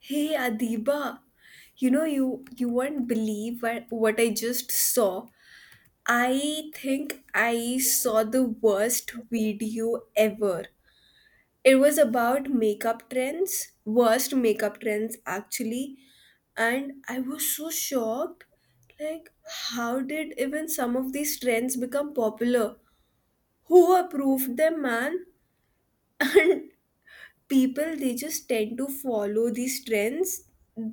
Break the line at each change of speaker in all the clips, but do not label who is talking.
Hey Adiba, you know you won't believe what I just saw. I think I saw the worst video ever. It was about makeup trends, worst makeup trends actually, and I was so shocked. Like, how did even some of these trends become popular? Who approved them, man? People they just tend to follow these trends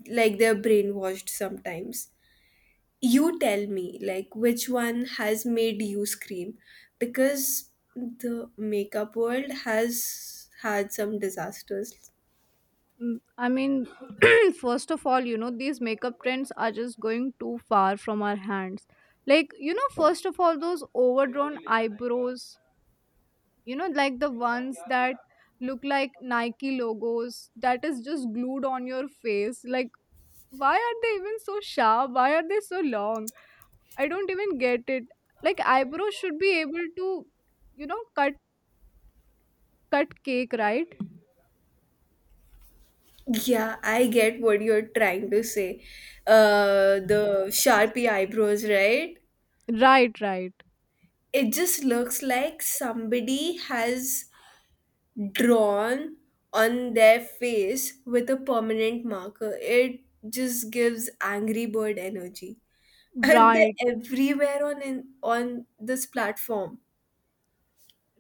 like they're brainwashed sometimes. You tell me like which one has made you scream because the makeup world has had some disasters.
Mm, I mean, First of all, these makeup trends are just going too far from our hands. Like, first of all, those overdrawn eyebrows, like the ones that look like Nike logos that is just glued on your face. Like, why are they even so sharp? Why are they so long? I don't even get it. Like, eyebrows should be able to, you know, cut cut cake, right?
Yeah, I get what you're trying to say. The sharpie eyebrows, right?
Right, right.
It just looks like somebody has drawn on their face with a permanent marker. It just gives Angry Bird energy. And they're
Right.
everywhere on in, on this platform.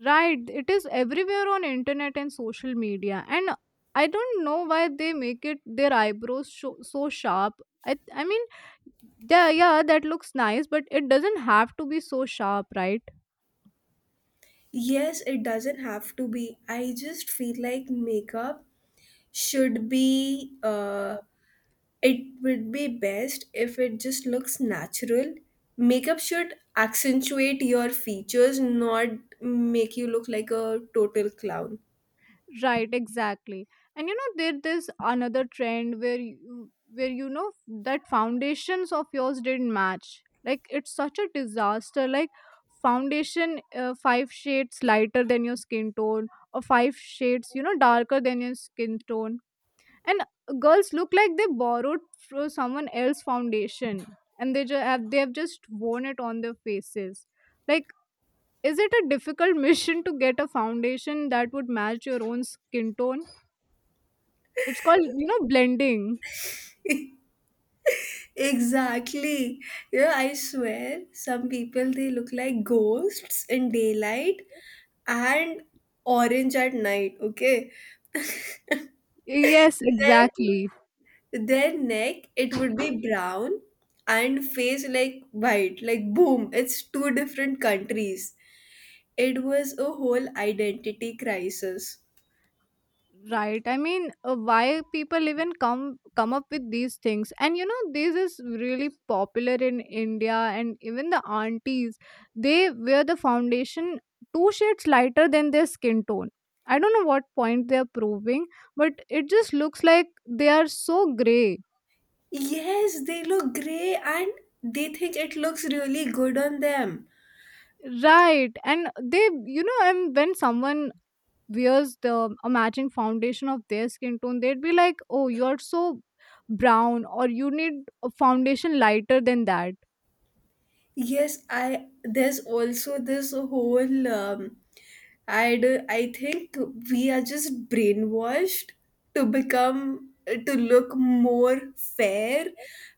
Right, it is everywhere on internet and social media, and I don't know why they make it their eyebrows so sharp. I mean, yeah, yeah, that looks nice, but it doesn't have to be so sharp, right?
Yes, it doesn't have to be. I just feel like makeup should be it would be best if it just looks natural. Makeup should accentuate your features, not make you look like a total clown.
Right, exactly. And you know, there's another trend where where you know that foundations of yours didn't match. Like it's such a disaster. Like foundation five shades lighter than your skin tone, or five shades darker than your skin tone. And girls look like they borrowed from someone else's foundation, and they just have just worn it on their faces. Like, is it a difficult mission to get a foundation that would match your own skin tone? It's called, blending.
Exactly. You know, I swear some people they look like ghosts in daylight and orange at night, okay?
Yes, exactly.
Then their neck it would be brown and face like white. Like boom, it's two different countries. It was a whole identity crisis.
Right. I mean, why people even come up with these things? And this is really popular in India, and even the aunties, they wear the foundation two shades lighter than their skin tone. I don't know what point they are proving, but it just looks like they are so gray.
Yes, they look grey and they think it looks really good on them.
Right. And they, and when someone wears the a matching foundation of their skin tone, they'd be like, "Oh, you're so brown," or, "You need a foundation lighter than that."
Yes, I there's also this whole I think we are just brainwashed to become to look more fair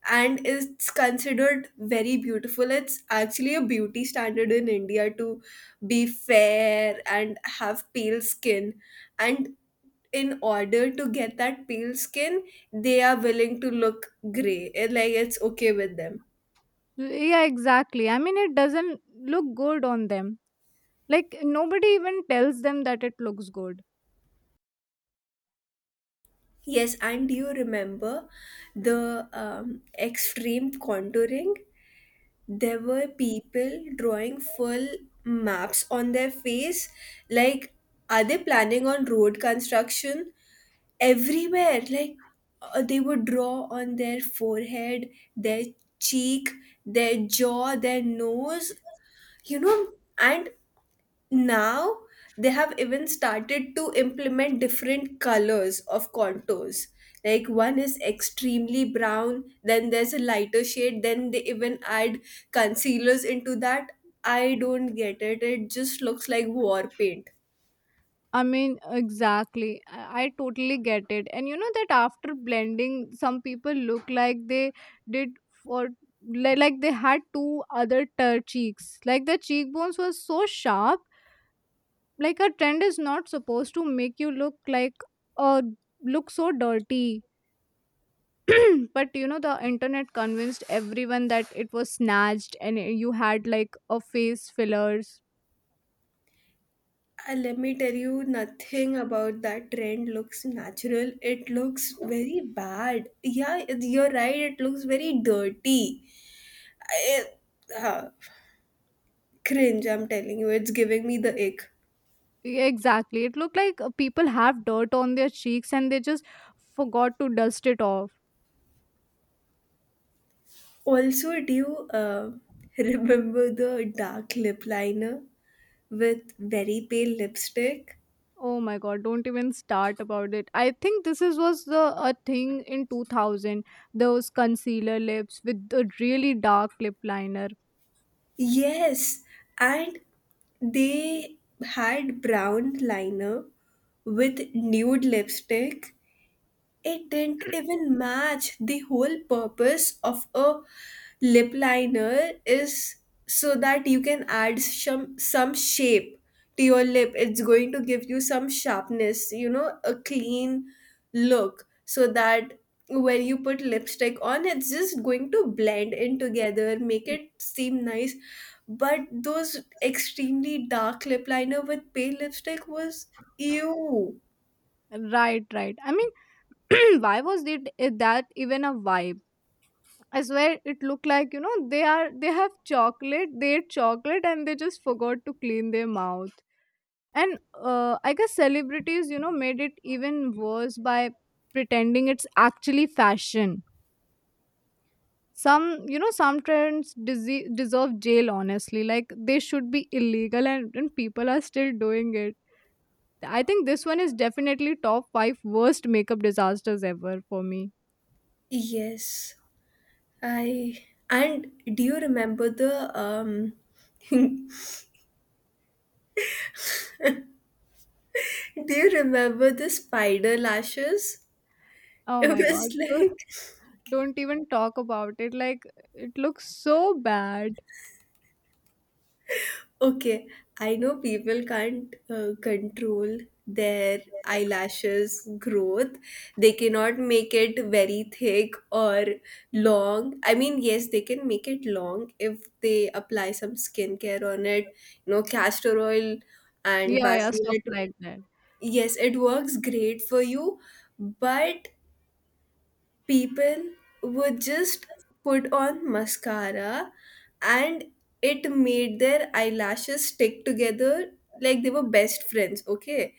and it's considered very beautiful. It's actually a beauty standard in India to be fair and have pale skin and in order to get that pale skin, they are willing to look gray. It, like it's okay with them.
Yeah, exactly. I mean, it doesn't look good on them. Like nobody even tells them that it looks good.
Yes, and do you remember the extreme contouring? There were people drawing full maps on their face. Like, are they planning on road construction? Everywhere, like, they would draw on their forehead, their cheek, their jaw, their nose, you know, and now they have even started to implement different colors of contours. Like one is extremely brown, then there's a lighter shade, then they even add concealers into that. I don't get it. It just looks like war paint.
I mean, exactly. I totally get it. And you know that after blending, some people look like they did for like they had two other cheeks. Like the cheekbones were so sharp. Like a trend is not supposed to make you look like uh look so dirty. But the internet convinced everyone that it was snatched and you had like a face fillers.
Let me tell you, nothing about that trend looks natural. It looks very bad. Yeah, it- you're right. It looks very dirty. I, uh, cringe, I'm telling you. It's giving me the ick.
Yeah, exactly. It looked like people have dirt on their cheeks and they just forgot to dust it off.
Also, do you remember the dark lip liner with very pale lipstick?
Oh my god, don't even start about it. I think this is was the a thing in 2000. Those concealer lips with the really dark lip liner.
Yes, and they had brown liner with nude lipstick. It didn't even match. The whole purpose of a lip liner is so that you can add some shape to your lip. It's going to give you some sharpness, you know, a clean look so that when you put lipstick on it's just going to blend in together, make it seem nice. But those extremely dark lip liner with pale lipstick was ew.
Right, right. I mean, why was it that even a vibe? I swear it looked like, you know, they ate chocolate and they just forgot to clean their mouth. And I guess celebrities, made it even worse by pretending it's actually fashion. Some, some trends deserve jail, honestly. Like they should be illegal, and people are still doing it. I think this one is definitely top 5 worst makeup disasters ever for me.
Yes. I and do you remember the do you remember the spider lashes?
Oh
It
my god.
was like
Don't even talk about it. Like, it looks so bad.
okay, I know people can't control their eyelashes growth. They cannot make it very thick or long. I mean, yes, they can make it long if they apply some skincare on it, you know, castor oil and
Yeah, yeah, stuff
Vaseline.
like that.
Yes, it works great for you. But people would just put on mascara and it made their eyelashes stick together like they were best friends, okay,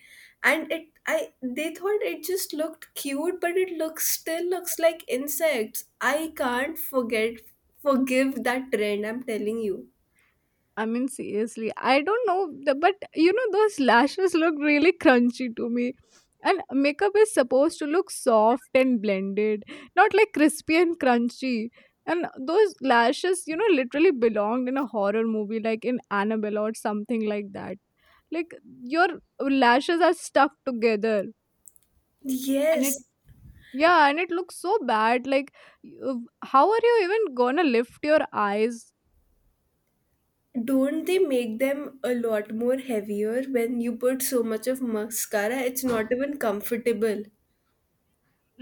and it I they thought it just looked cute but it looks still looks like insects. I can't forget forgive that trend, I'm telling you.
I mean, seriously, I don't know, but you know, those lashes look really crunchy to me. And makeup is supposed to look soft and blended, not like crispy and crunchy. And those lashes, you know, literally belonged in a horror movie, like in Annabelle or something like that. Like, your lashes are stuck together and it...
Yes,
Yeah, and it looks so bad. Like, you- how are you even gonna lift your eyes?
don't they make them a lot more heavier when you put so much of mascara? It's not even comfortable.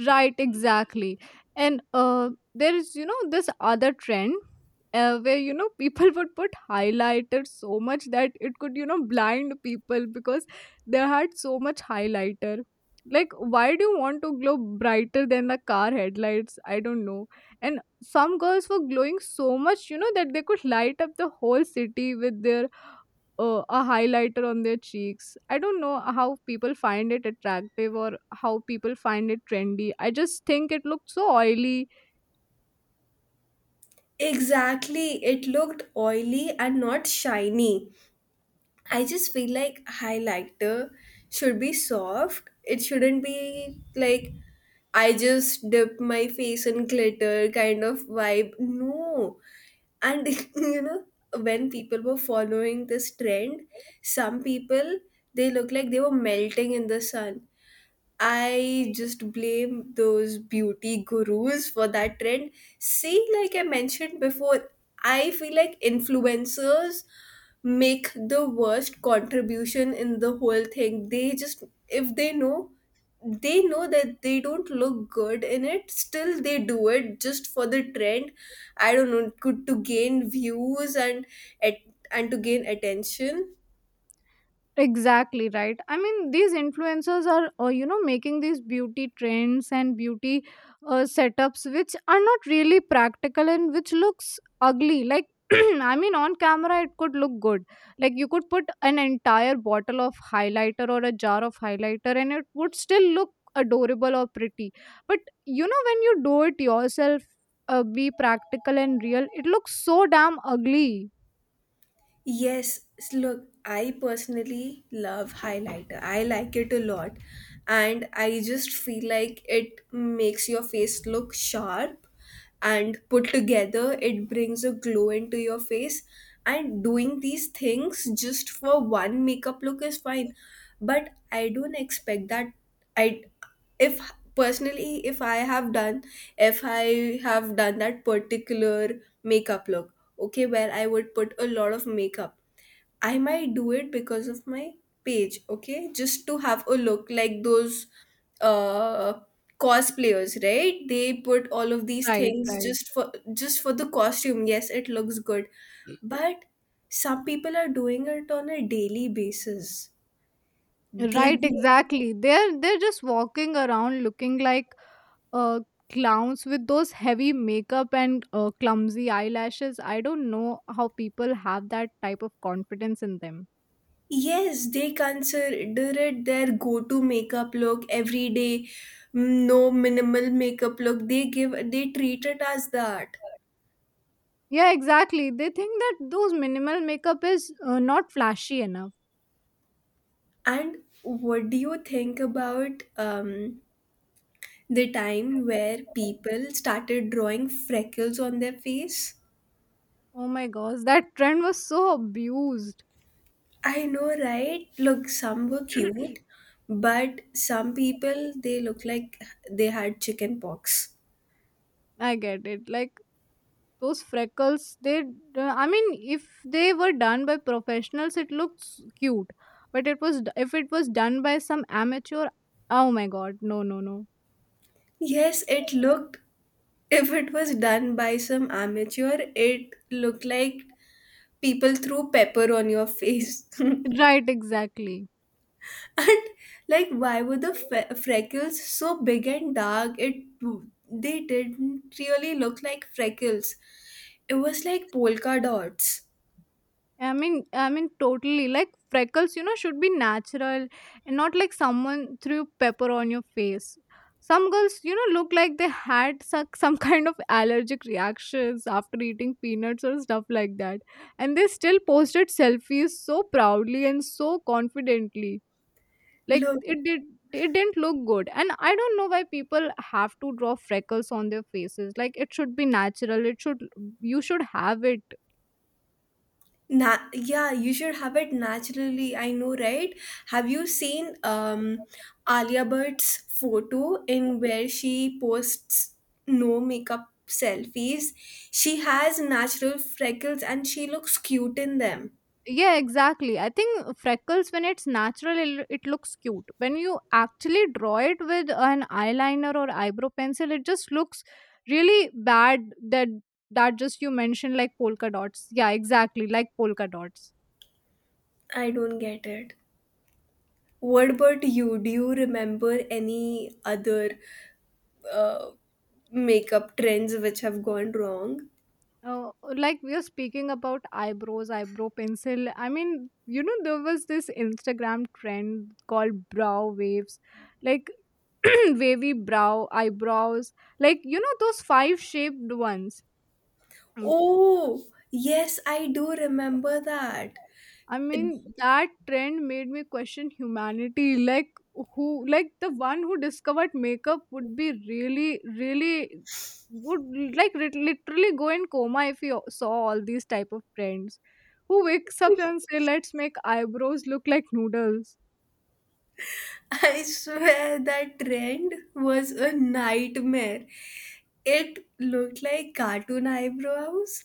Right, exactly. And there is, this other trend where, people would put highlighter so much that it could, blind people because they had so much highlighter. Like, why do you want to glow brighter than the car headlights? I don't know. And some girls were glowing so much, that they could light up the whole city with their a highlighter on their cheeks. I don't know how people find it attractive or how people find it trendy. I just think it looks so oily.
Exactly. It looked oily and not shiny. I just feel like highlighter should be soft. It shouldn't be like I just dip my face in glitter kind of vibe. No. And you know, when people were following this trend, some people they look like they were melting in the sun. I just blame those beauty gurus for that trend. See, like I mentioned before, I feel like influencers make the worst contribution in the whole thing. They just, if they know, they know that they don't look good in it, still they do it just for the trend. I don't know, could to gain views and at and to gain attention.
Exactly, right. I mean, these influencers are making these beauty trends and beauty setups which are not really practical and which looks ugly. Like I mean, on camera it could look good. Like you could put an entire bottle of highlighter or a jar of highlighter and it would still look adorable or pretty, but you know, when you do it yourself, be practical and real, it looks so damn ugly.
Yes, s- look, I personally love highlighter. I like it a lot. And I just feel like it makes your face look sharp and put together. It brings a glow into your face. And doing these things just for one makeup look is fine. But I don't expect that. I, if personally if I have done that particular makeup look, okay, where I would put a lot of makeup. I might do it because of my page, okay? Just to have a look like those uh cosplayers, right? They put all of these
Right,
things
right.
just for the costume. Yes, it looks good. But some people are doing it on a daily basis. They
Right,
do-
exactly. They're just walking around looking like uh clowns with those heavy makeup and clumsy eyelashes. I don't know how people have that type of confidence in them.
yes, they consider it their go-to makeup look every day. Mm, no minimal makeup look they give they treat it as that.
Yeah, exactly. They think that those minimal makeup is not flashy enough.
And what do you think about the time where people started drawing freckles on their face?
Oh my gosh, that trend was so abused.
I know, right? Look, some were cute, but some people they look like they had chicken pox.
I get it. Like those freckles they I mean, if they were done by professionals it looks cute, but it was if it was done by some amateur. Oh my god, no, no, no.
Yes, it looked, if it was done by some amateur, it looked like people threw pepper on your face.
Right, exactly.
And like why were the fe- freckles so big and dark? It they didn't really look like freckles. It was like polka dots.
I mean, totally. Like freckles, you know, should be natural and not like someone threw pepper on your face. Some girls, you know, look like they had some kind of allergic reactions after eating peanuts or stuff like that. And they still posted selfies so proudly and so confidently. Like
Look
it didn't look good. And I don't know why people have to draw freckles on their faces. Like it should be natural. It should... you should have it.
na- yeah, you should have it naturally. I know, right? Have you seen Alia Bhatt's photo in where she posts no makeup selfies? She has natural freckles and she looks cute in them.
Yeah, exactly. I think freckles, when it's natural, it looks cute. When you actually draw it with an eyeliner or eyebrow pencil, it just looks really bad. That that just you mentioned like polka dots. Yeah, exactly, like polka dots.
I don't get it. What about you? Do you remember any other uh, makeup trends which have gone wrong?
Uh, like we are speaking about eyebrows, eyebrow pencil. I mean, you know, there was this Instagram trend called brow waves, like wavy brow eyebrows, like you know those five shaped ones.
Oh, yes, I do remember that.
I mean, that trend made me question humanity. Like, who, like, the one who discovered makeup would be really, really, would like literally go in coma if he saw all these type of trends. Who wakes up and say, "Let's make eyebrows look like noodles?"
I swear that trend was a nightmare. It looked like cartoon eyebrows,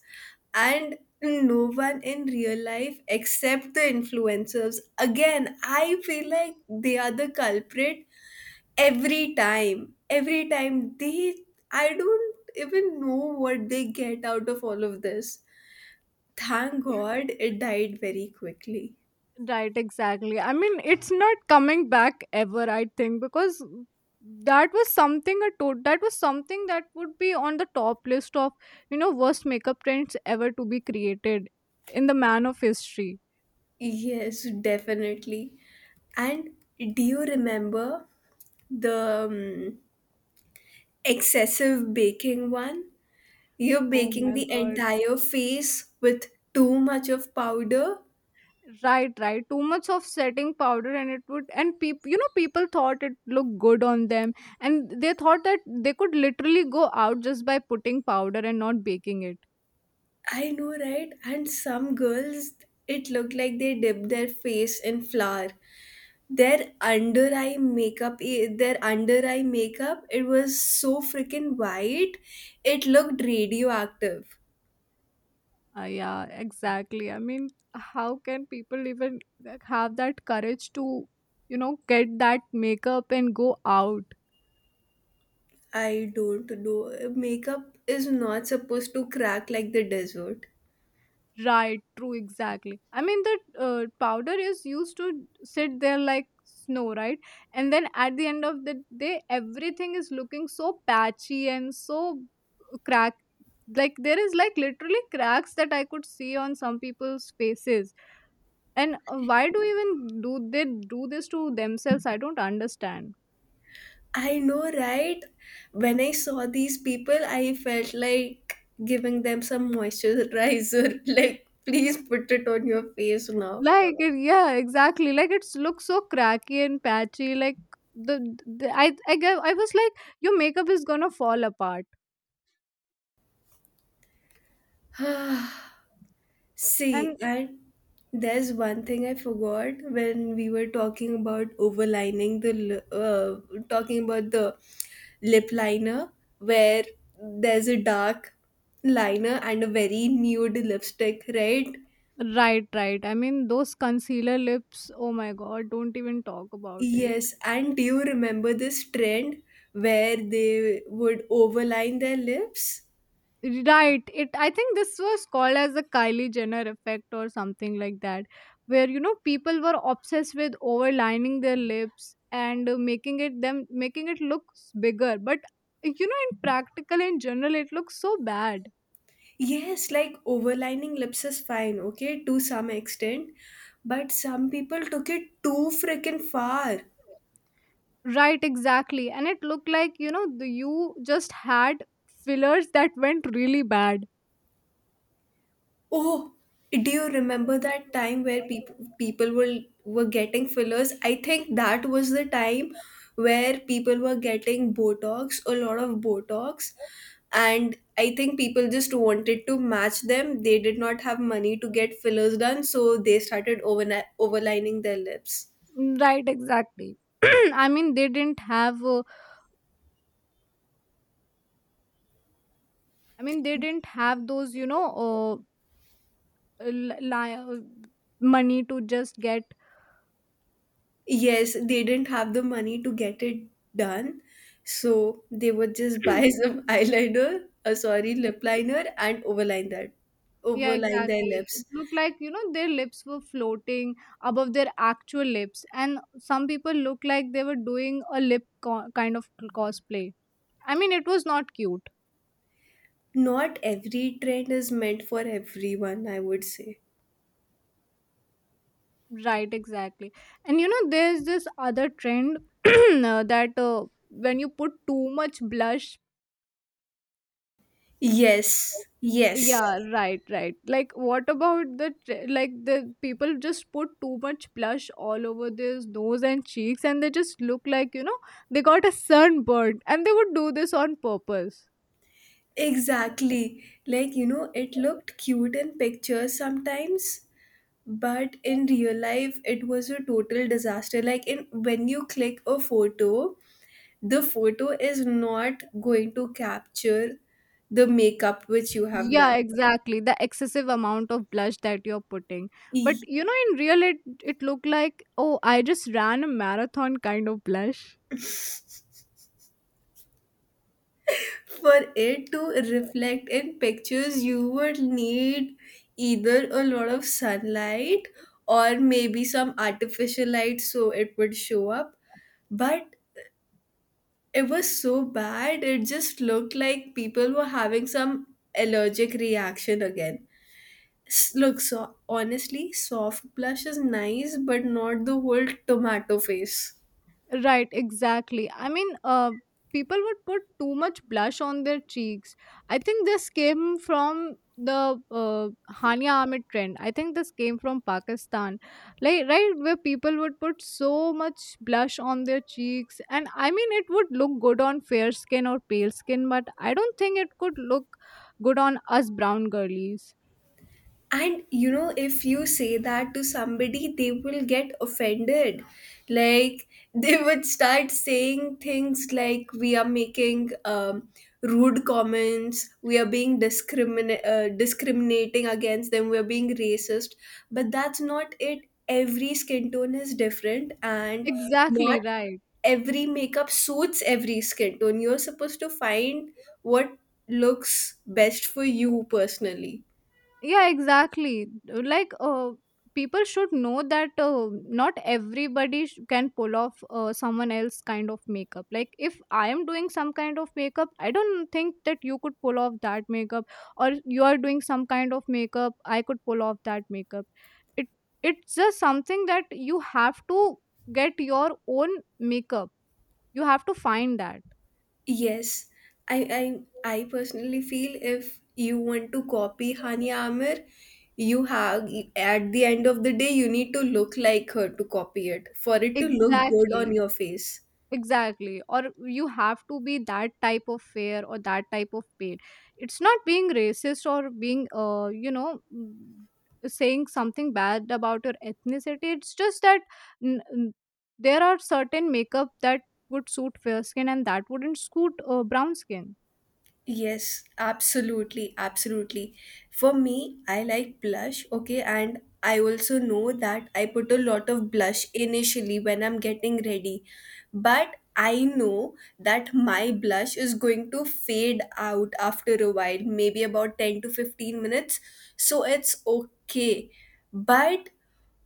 and no one in real life except the influencers. Again, I feel like they are the culprit every time they I don't even know what they get out of all of this. Thank god it died very quickly.
Right, exactly. I mean, it's not coming back ever, I think, because that was something that was something that would be on the top list of, you know, worst makeup trends ever to be created in the man of history.
Yes, definitely. And do you remember the um, excessive baking one? You're
Oh
baking
my
the
god.
entire face with too much of powder.
Right, right. Too much of setting powder and it would, and people, you know, people thought it looked good on them and they thought that they could literally go out just by putting powder and not baking it.
I know, right? And some girls, it looked like they dipped their face in flour. Their under eye makeup, eh, their under eye makeup, it was so freaking white. It looked radioactive.
Yeah, exactly. I mean, how can people even like, have that courage to, you know, get that makeup and go out?
I don't know. Makeup is not supposed to crack like the desert.
Right, true, exactly. I mean, the powder is used to sit there like snow, right? And then at the end of the day, everything is looking so patchy and so cracked. Like, there is like literally cracks that I could see on some people's faces. And why do even do they do this to themselves? I don't understand.
I know, right? When I saw these people, I felt like giving them some moisturizer. Like, please put it on your face now.
Like it, yeah, exactly. Like it looks so cracky and patchy. Like the, the I was like, your makeup is gonna fall apart.
Ah, see,
And
and there's one thing I forgot when we were talking about overlining the li- talking about the lip liner where there's a dark liner and a very nude lipstick, right?
right, right. I mean, those concealer lips. Oh my god, don't even talk about it.
Yes, and do you remember this trend where they would overline their lips?
Right. It. I think this was called as the Kylie Jenner effect or something like that, where you know people were obsessed with overlining their lips and making it look bigger, but. You know, in practical in general, it looks so bad.
Yes, like overlining lips is fine, okay, to some extent. But some people took it too freaking far.
Right, exactly. And it looked like, you know, the, you just had fillers that went really bad.
Oh, do you remember that time where people were getting fillers? I think that was the time where people were getting Botox, a lot of Botox, and I think people just wanted to match them. They did not have money to get fillers done, so they started over overlining their lips.
Right, exactly. I mean, they didn't have, I mean, they didn't have those, you know, uh, li- li- uh, money to just get.
Yes, they didn't have the money to get it done, so they would just buy some eyeliner, sorry, lip liner, and overline that,
Yeah,
overline their
exactly. It
lips.
looked like, you know, their lips were floating above their actual lips. And some people look like they were doing a lip kind of cosplay. I mean, it was not cute.
Not every trend is meant for everyone, I would say.
Right, exactly. And, you know, there's this other trend that when you put too much blush.
Yes, yes,
Yeah, right, right. Like, what about the tr- like the people just put too much blush all over their nose and cheeks, and they just look like, you know, they got a sunburn, and they would do this on purpose.
exactly. Like, you know, it looked cute in pictures sometimes, but in real life, it was a total disaster. Like, in when you click a photo, the photo is not going to capture the makeup which you have
Yeah,
done.
exactly, the excessive amount of blush that you're putting. But
E-
you know, in real, it looked like, oh, I just ran a marathon kind of blush.
for it to reflect in pictures, you would need either a lot of sunlight or maybe some artificial light so it would show up. But it was so bad, it just looked like people were having some allergic reaction again. S- look, so honestly, soft blush is nice, but not the whole tomato face.
Right, exactly. I mean, people would put too much blush on their cheeks. I think this came from the Hania Amit trend. I think this came from Pakistan, like, right, where people would put so much blush on their cheeks, and I mean, it would look good on fair skin or pale skin, but I don't think it could look good on us brown girlies.
And you know, if you say that to somebody, they will get offended. Like, they would start saying things like, we are making rude comments, we are being discrimin- discriminating against them, we are being racist. But that's not it. Every skin tone is different, and not
Exactly right.
every makeup suits every skin tone. You're supposed to find what looks best for you personally.
Yeah, exactly. like uh, People should know that not everybody can pull off someone else kind of makeup. Like, if I am doing some kind of makeup, I don't think that you could pull off that makeup, or you are doing some kind of makeup I could pull off that makeup. It it's just something that you have to get your own makeup, you have to find that.
Yes, I personally feel if you want to copy Hani Amir, you have at the end of the day you need to look like her to copy it for it to look good on
Exactly.
your face.
Exactly. Or you have to be that type of fair or that type of paid. It's not being racist or being, you know, saying something bad about your ethnicity. It's just that n- n- there are certain makeup that would suit fair skin and that wouldn't suit brown skin.
Yes, absolutely, absolutely. For me, I like blush, okay, and I also know that I put a lot of blush initially when I'm getting ready, but I know that my blush is going to fade out after a while, maybe about 10 to 15 minutes, so it's okay. But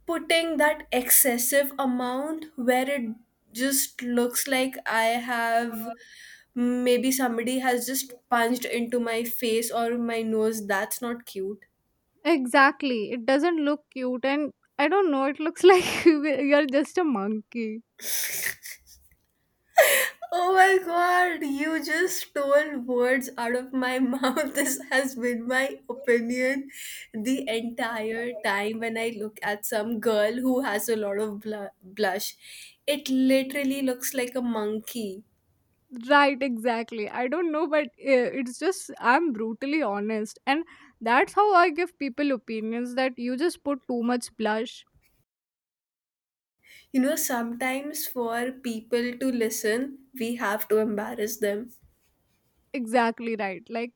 putting that excessive amount where it just looks like I have maybe somebody has just punched into my face or my nose. That's not cute.
Exactly. It doesn't look cute. And I don't know, it looks like you're just a monkey.
Oh my god, you just stole words out of my mouth. This has been my opinion the entire time when I look at some girl who has a lot of blush. It literally looks like a monkey.
Right, exactly. I don't know, but it's just I'm brutally honest, and that's how I give people opinions that you just put too much blush.
You know, sometimes for people to listen, we have to embarrass them.
Exactly right. Like,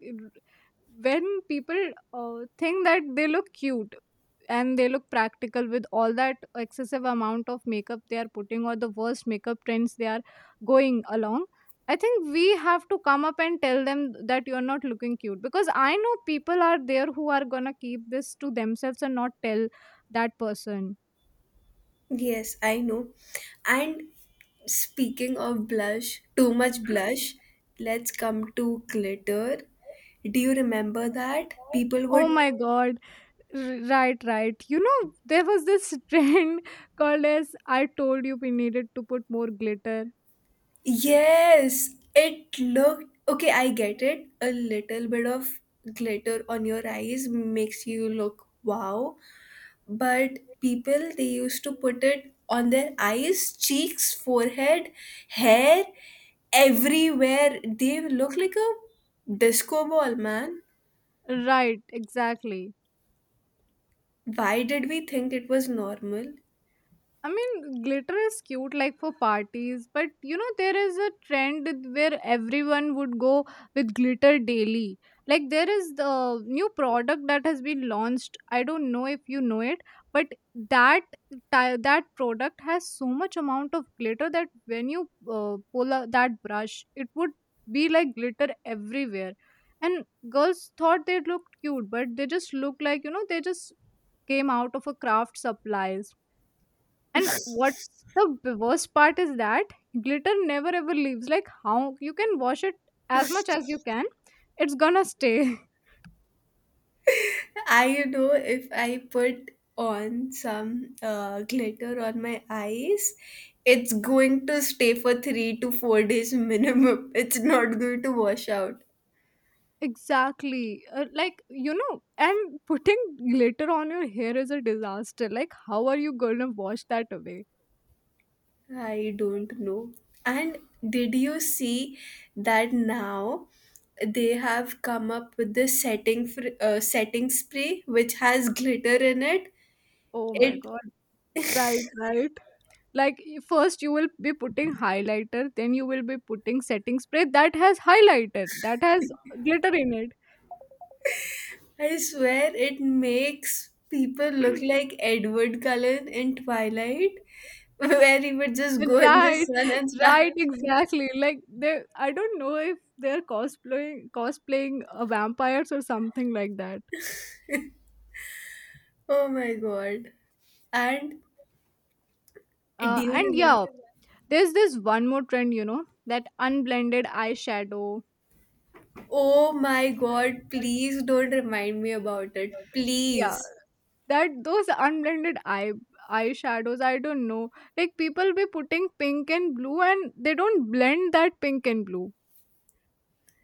when people think that they look cute and they look practical with all that excessive amount of makeup they are putting, or the worst makeup trends they are going along, I think we have to come up and tell them that you're not looking cute, because I know people are there who are gonna keep this to themselves and not tell that person.
Yes, I know. And speaking of blush, too much blush, let's come to glitter. Do you remember that? People
Oh
would.
my god. Right, right. You know, there was this trend called, as I told you, we needed to put more glitter.
Yes, it looked. Okay, I get it. A little bit of glitter on your eyes makes you look wow. But people, they used to put it on their eyes, cheeks, forehead, hair, everywhere. They look like a disco ball, man.
Right, exactly.
Why did we think it was normal?
I mean, glitter is cute like for parties, but you know, there is a trend where everyone would go with glitter daily. Like, there is the new product that has been launched. I don't know if you know it, but that that product has so much amount of glitter that when you pull out that brush, it would be like glitter everywhere. And girls thought they looked cute, but they just look like, you know, they just came out of a craft supplies. And what's the worst part is that glitter never ever leaves. Like, how you can wash it as much as you can, it's gonna stay.
I know, if I put on some glitter on my eyes, it's going to stay for 3 to 4 days minimum. It's not going to wash out.
Exactly. Like, you know, and putting glitter on your hair is a disaster. Like, how are you gonna wash that away?
I don't know. And did you see that now they have come up with this setting spray which has glitter in it?
Oh my
It
god. Right, right. Like, first you will be putting highlighter, then you will be putting setting spray that has highlighter, that has glitter in it.
I swear it makes people look like Edward Cullen in Twilight, where he would just go in the
Right,
sun and start.
right, exactly. I don't know if they're cosplaying vampires or something like that.
Oh my god! And do
Uh,
you
and
remember?
yeah, there's this one more trend, you know, that unblended eyeshadow.
Oh my god! Please don't remind me about it,
Yeah,
please.
that those unblended eyeshadows. I don't know. Like, people be putting pink and blue, and they don't blend that pink and blue.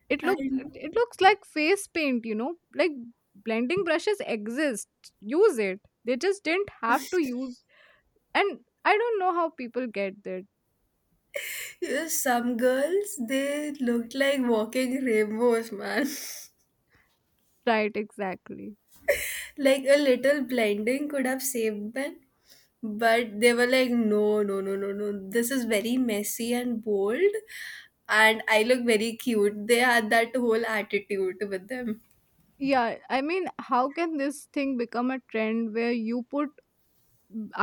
it look
And
it looks like face paint, you know. Like, blending brushes exist, use it, they just didn't have to use. And I don't know how people get that.
yeah, some girls, they looked like walking rainbows, man.
Right, exactly.
Like a little blinding could have saved them. But they were like, no, no, no, no, no. This is very messy and bold. And I look very cute. They had that whole attitude with them.
Yeah, I mean, how can this thing become a trend where you put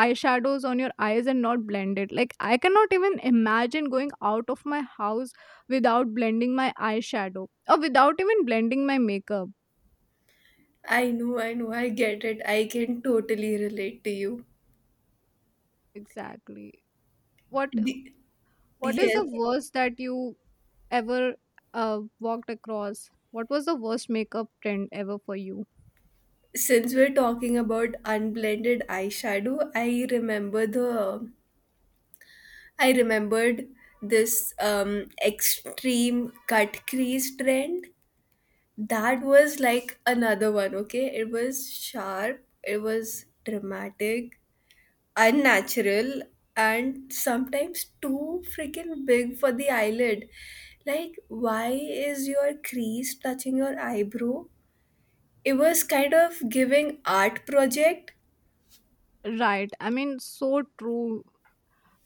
eyeshadows on your eyes and not blend it? Like, I cannot even imagine going out of my house without blending my eyeshadow or without even blending my makeup.
I know, I know, I get it. I can totally relate to you.
Exactly. what
The-
what is
yes,
the worst that you ever walked across? What was the worst makeup trend ever for you?
since we're talking about unblended eyeshadow, I remembered this extreme cut crease trend. That was like another one, okay? It was sharp, it was dramatic, unnatural, and sometimes too freaking big for the eyelid. Like, why is your crease touching your eyebrow? It was kind of giving art project.
Right. I mean, so true.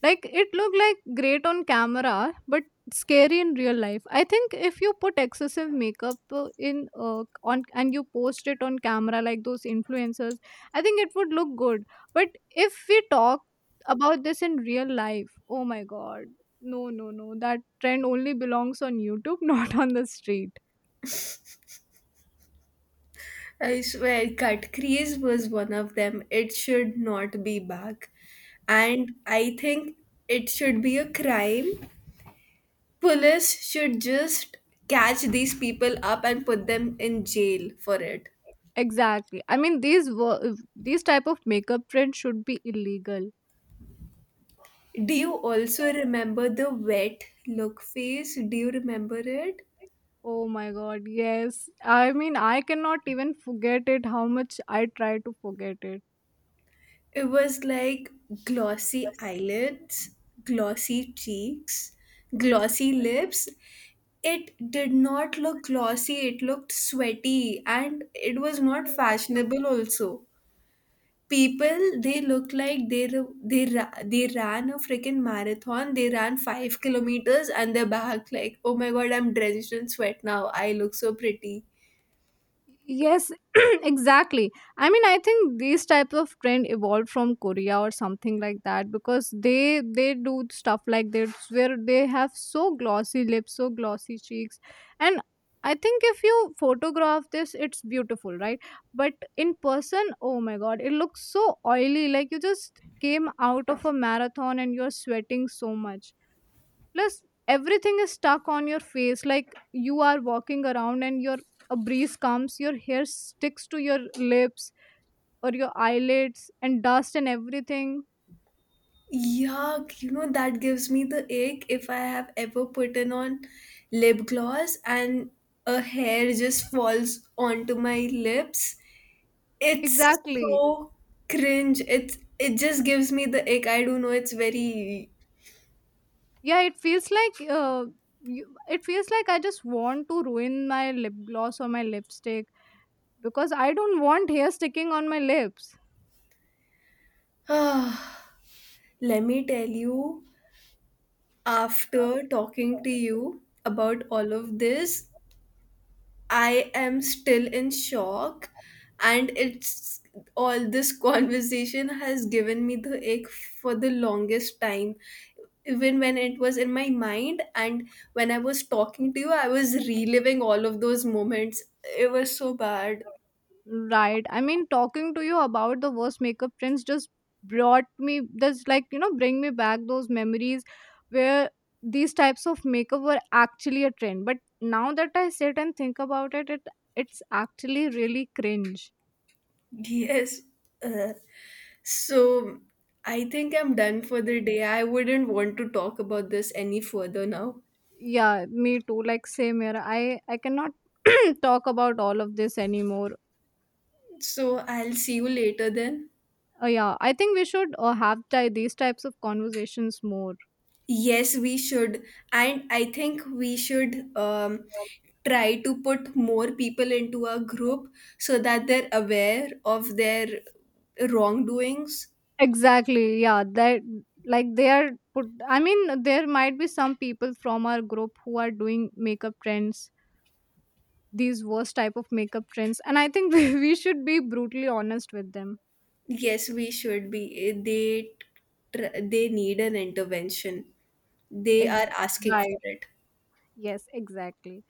Like, it looked like great on camera, but scary in real life. I think if you put excessive makeup in on, and you post it on camera like those influencers, I think it would look good. But if we talk about this in real life, oh my god. No, no, no. That trend only belongs on YouTube, not on the street.
I swear, cut crease was one of them. It should not be back. And I think it should be a crime. Police should just catch these people up and put them in jail for it.
Exactly. I mean, these these type of makeup trends should be illegal.
Do you also remember the wet look phase? Do you remember it?
Oh my god, yes. I mean, I cannot even forget it. How much I try to forget it.
It was like glossy eyelids, glossy cheeks, glossy lips. It did not look glossy, it looked sweaty, and it was not fashionable also. People, they looked like they ran a freaking marathon. They ran 5 kilometers, and they're back like, oh my god, I'm drenched in sweat now. I look so pretty.
Yes, exactly. I mean, I think these type of trend evolved from Korea or something like that, because they do stuff like this where they have so glossy lips, so glossy cheeks. And I think if you photograph this, it's beautiful, right? But in person, oh my god, it looks so oily, like you just came out of a marathon and you're sweating so much. Plus, everything is stuck on your face. Like, you are walking around and your a breeze comes, your hair sticks to your lips or your eyelids and dust and everything.
Yuck, you know, that gives me the ache if I have ever put in on lip gloss and a hair just falls onto my lips. It's
Exactly.
so cringe. It just gives me the ache. I don't know, it's very
Yeah, it feels like it feels like I just want to ruin my lip gloss or my lipstick because I don't want hair sticking on my lips.
let me tell you, after talking to you about all of this, I am still in shock, and it's all this conversation has given me the ache for the longest time. Even when it was in my mind, and when I was talking to you, I was reliving all of those moments. It was so bad.
Right. I mean, talking to you about the worst makeup trends just brought me, just like, you know, bring me back those memories where these types of makeup were actually a trend. But now that I sit and think about it, it's actually really cringe.
Yes. Uh, so I think I'm done for the day. I wouldn't want to talk about this any further now.
Yeah, me too. Like, same here. I cannot talk about all of this anymore.
So I'll see you later then.
Yeah, I think we should have these types of conversations more.
Yes, we should. And I think we should try to put more people into our group so that they're aware of their wrongdoings.
Exactly. Yeah. That like they are put I mean, there might be some people from our group who are doing makeup trends, these worst type of makeup trends. And I think we should be brutally honest with them.
Yes, we should be. They need an intervention. They are
Ex-
asking
right.
for it.
Yes, exactly.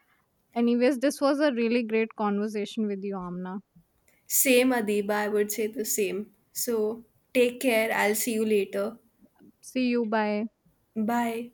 Anyways, this was a really great conversation with you, Amna.
Same, Adiba, I would say the same. So take care. I'll see you later.
See you. Bye.
Bye.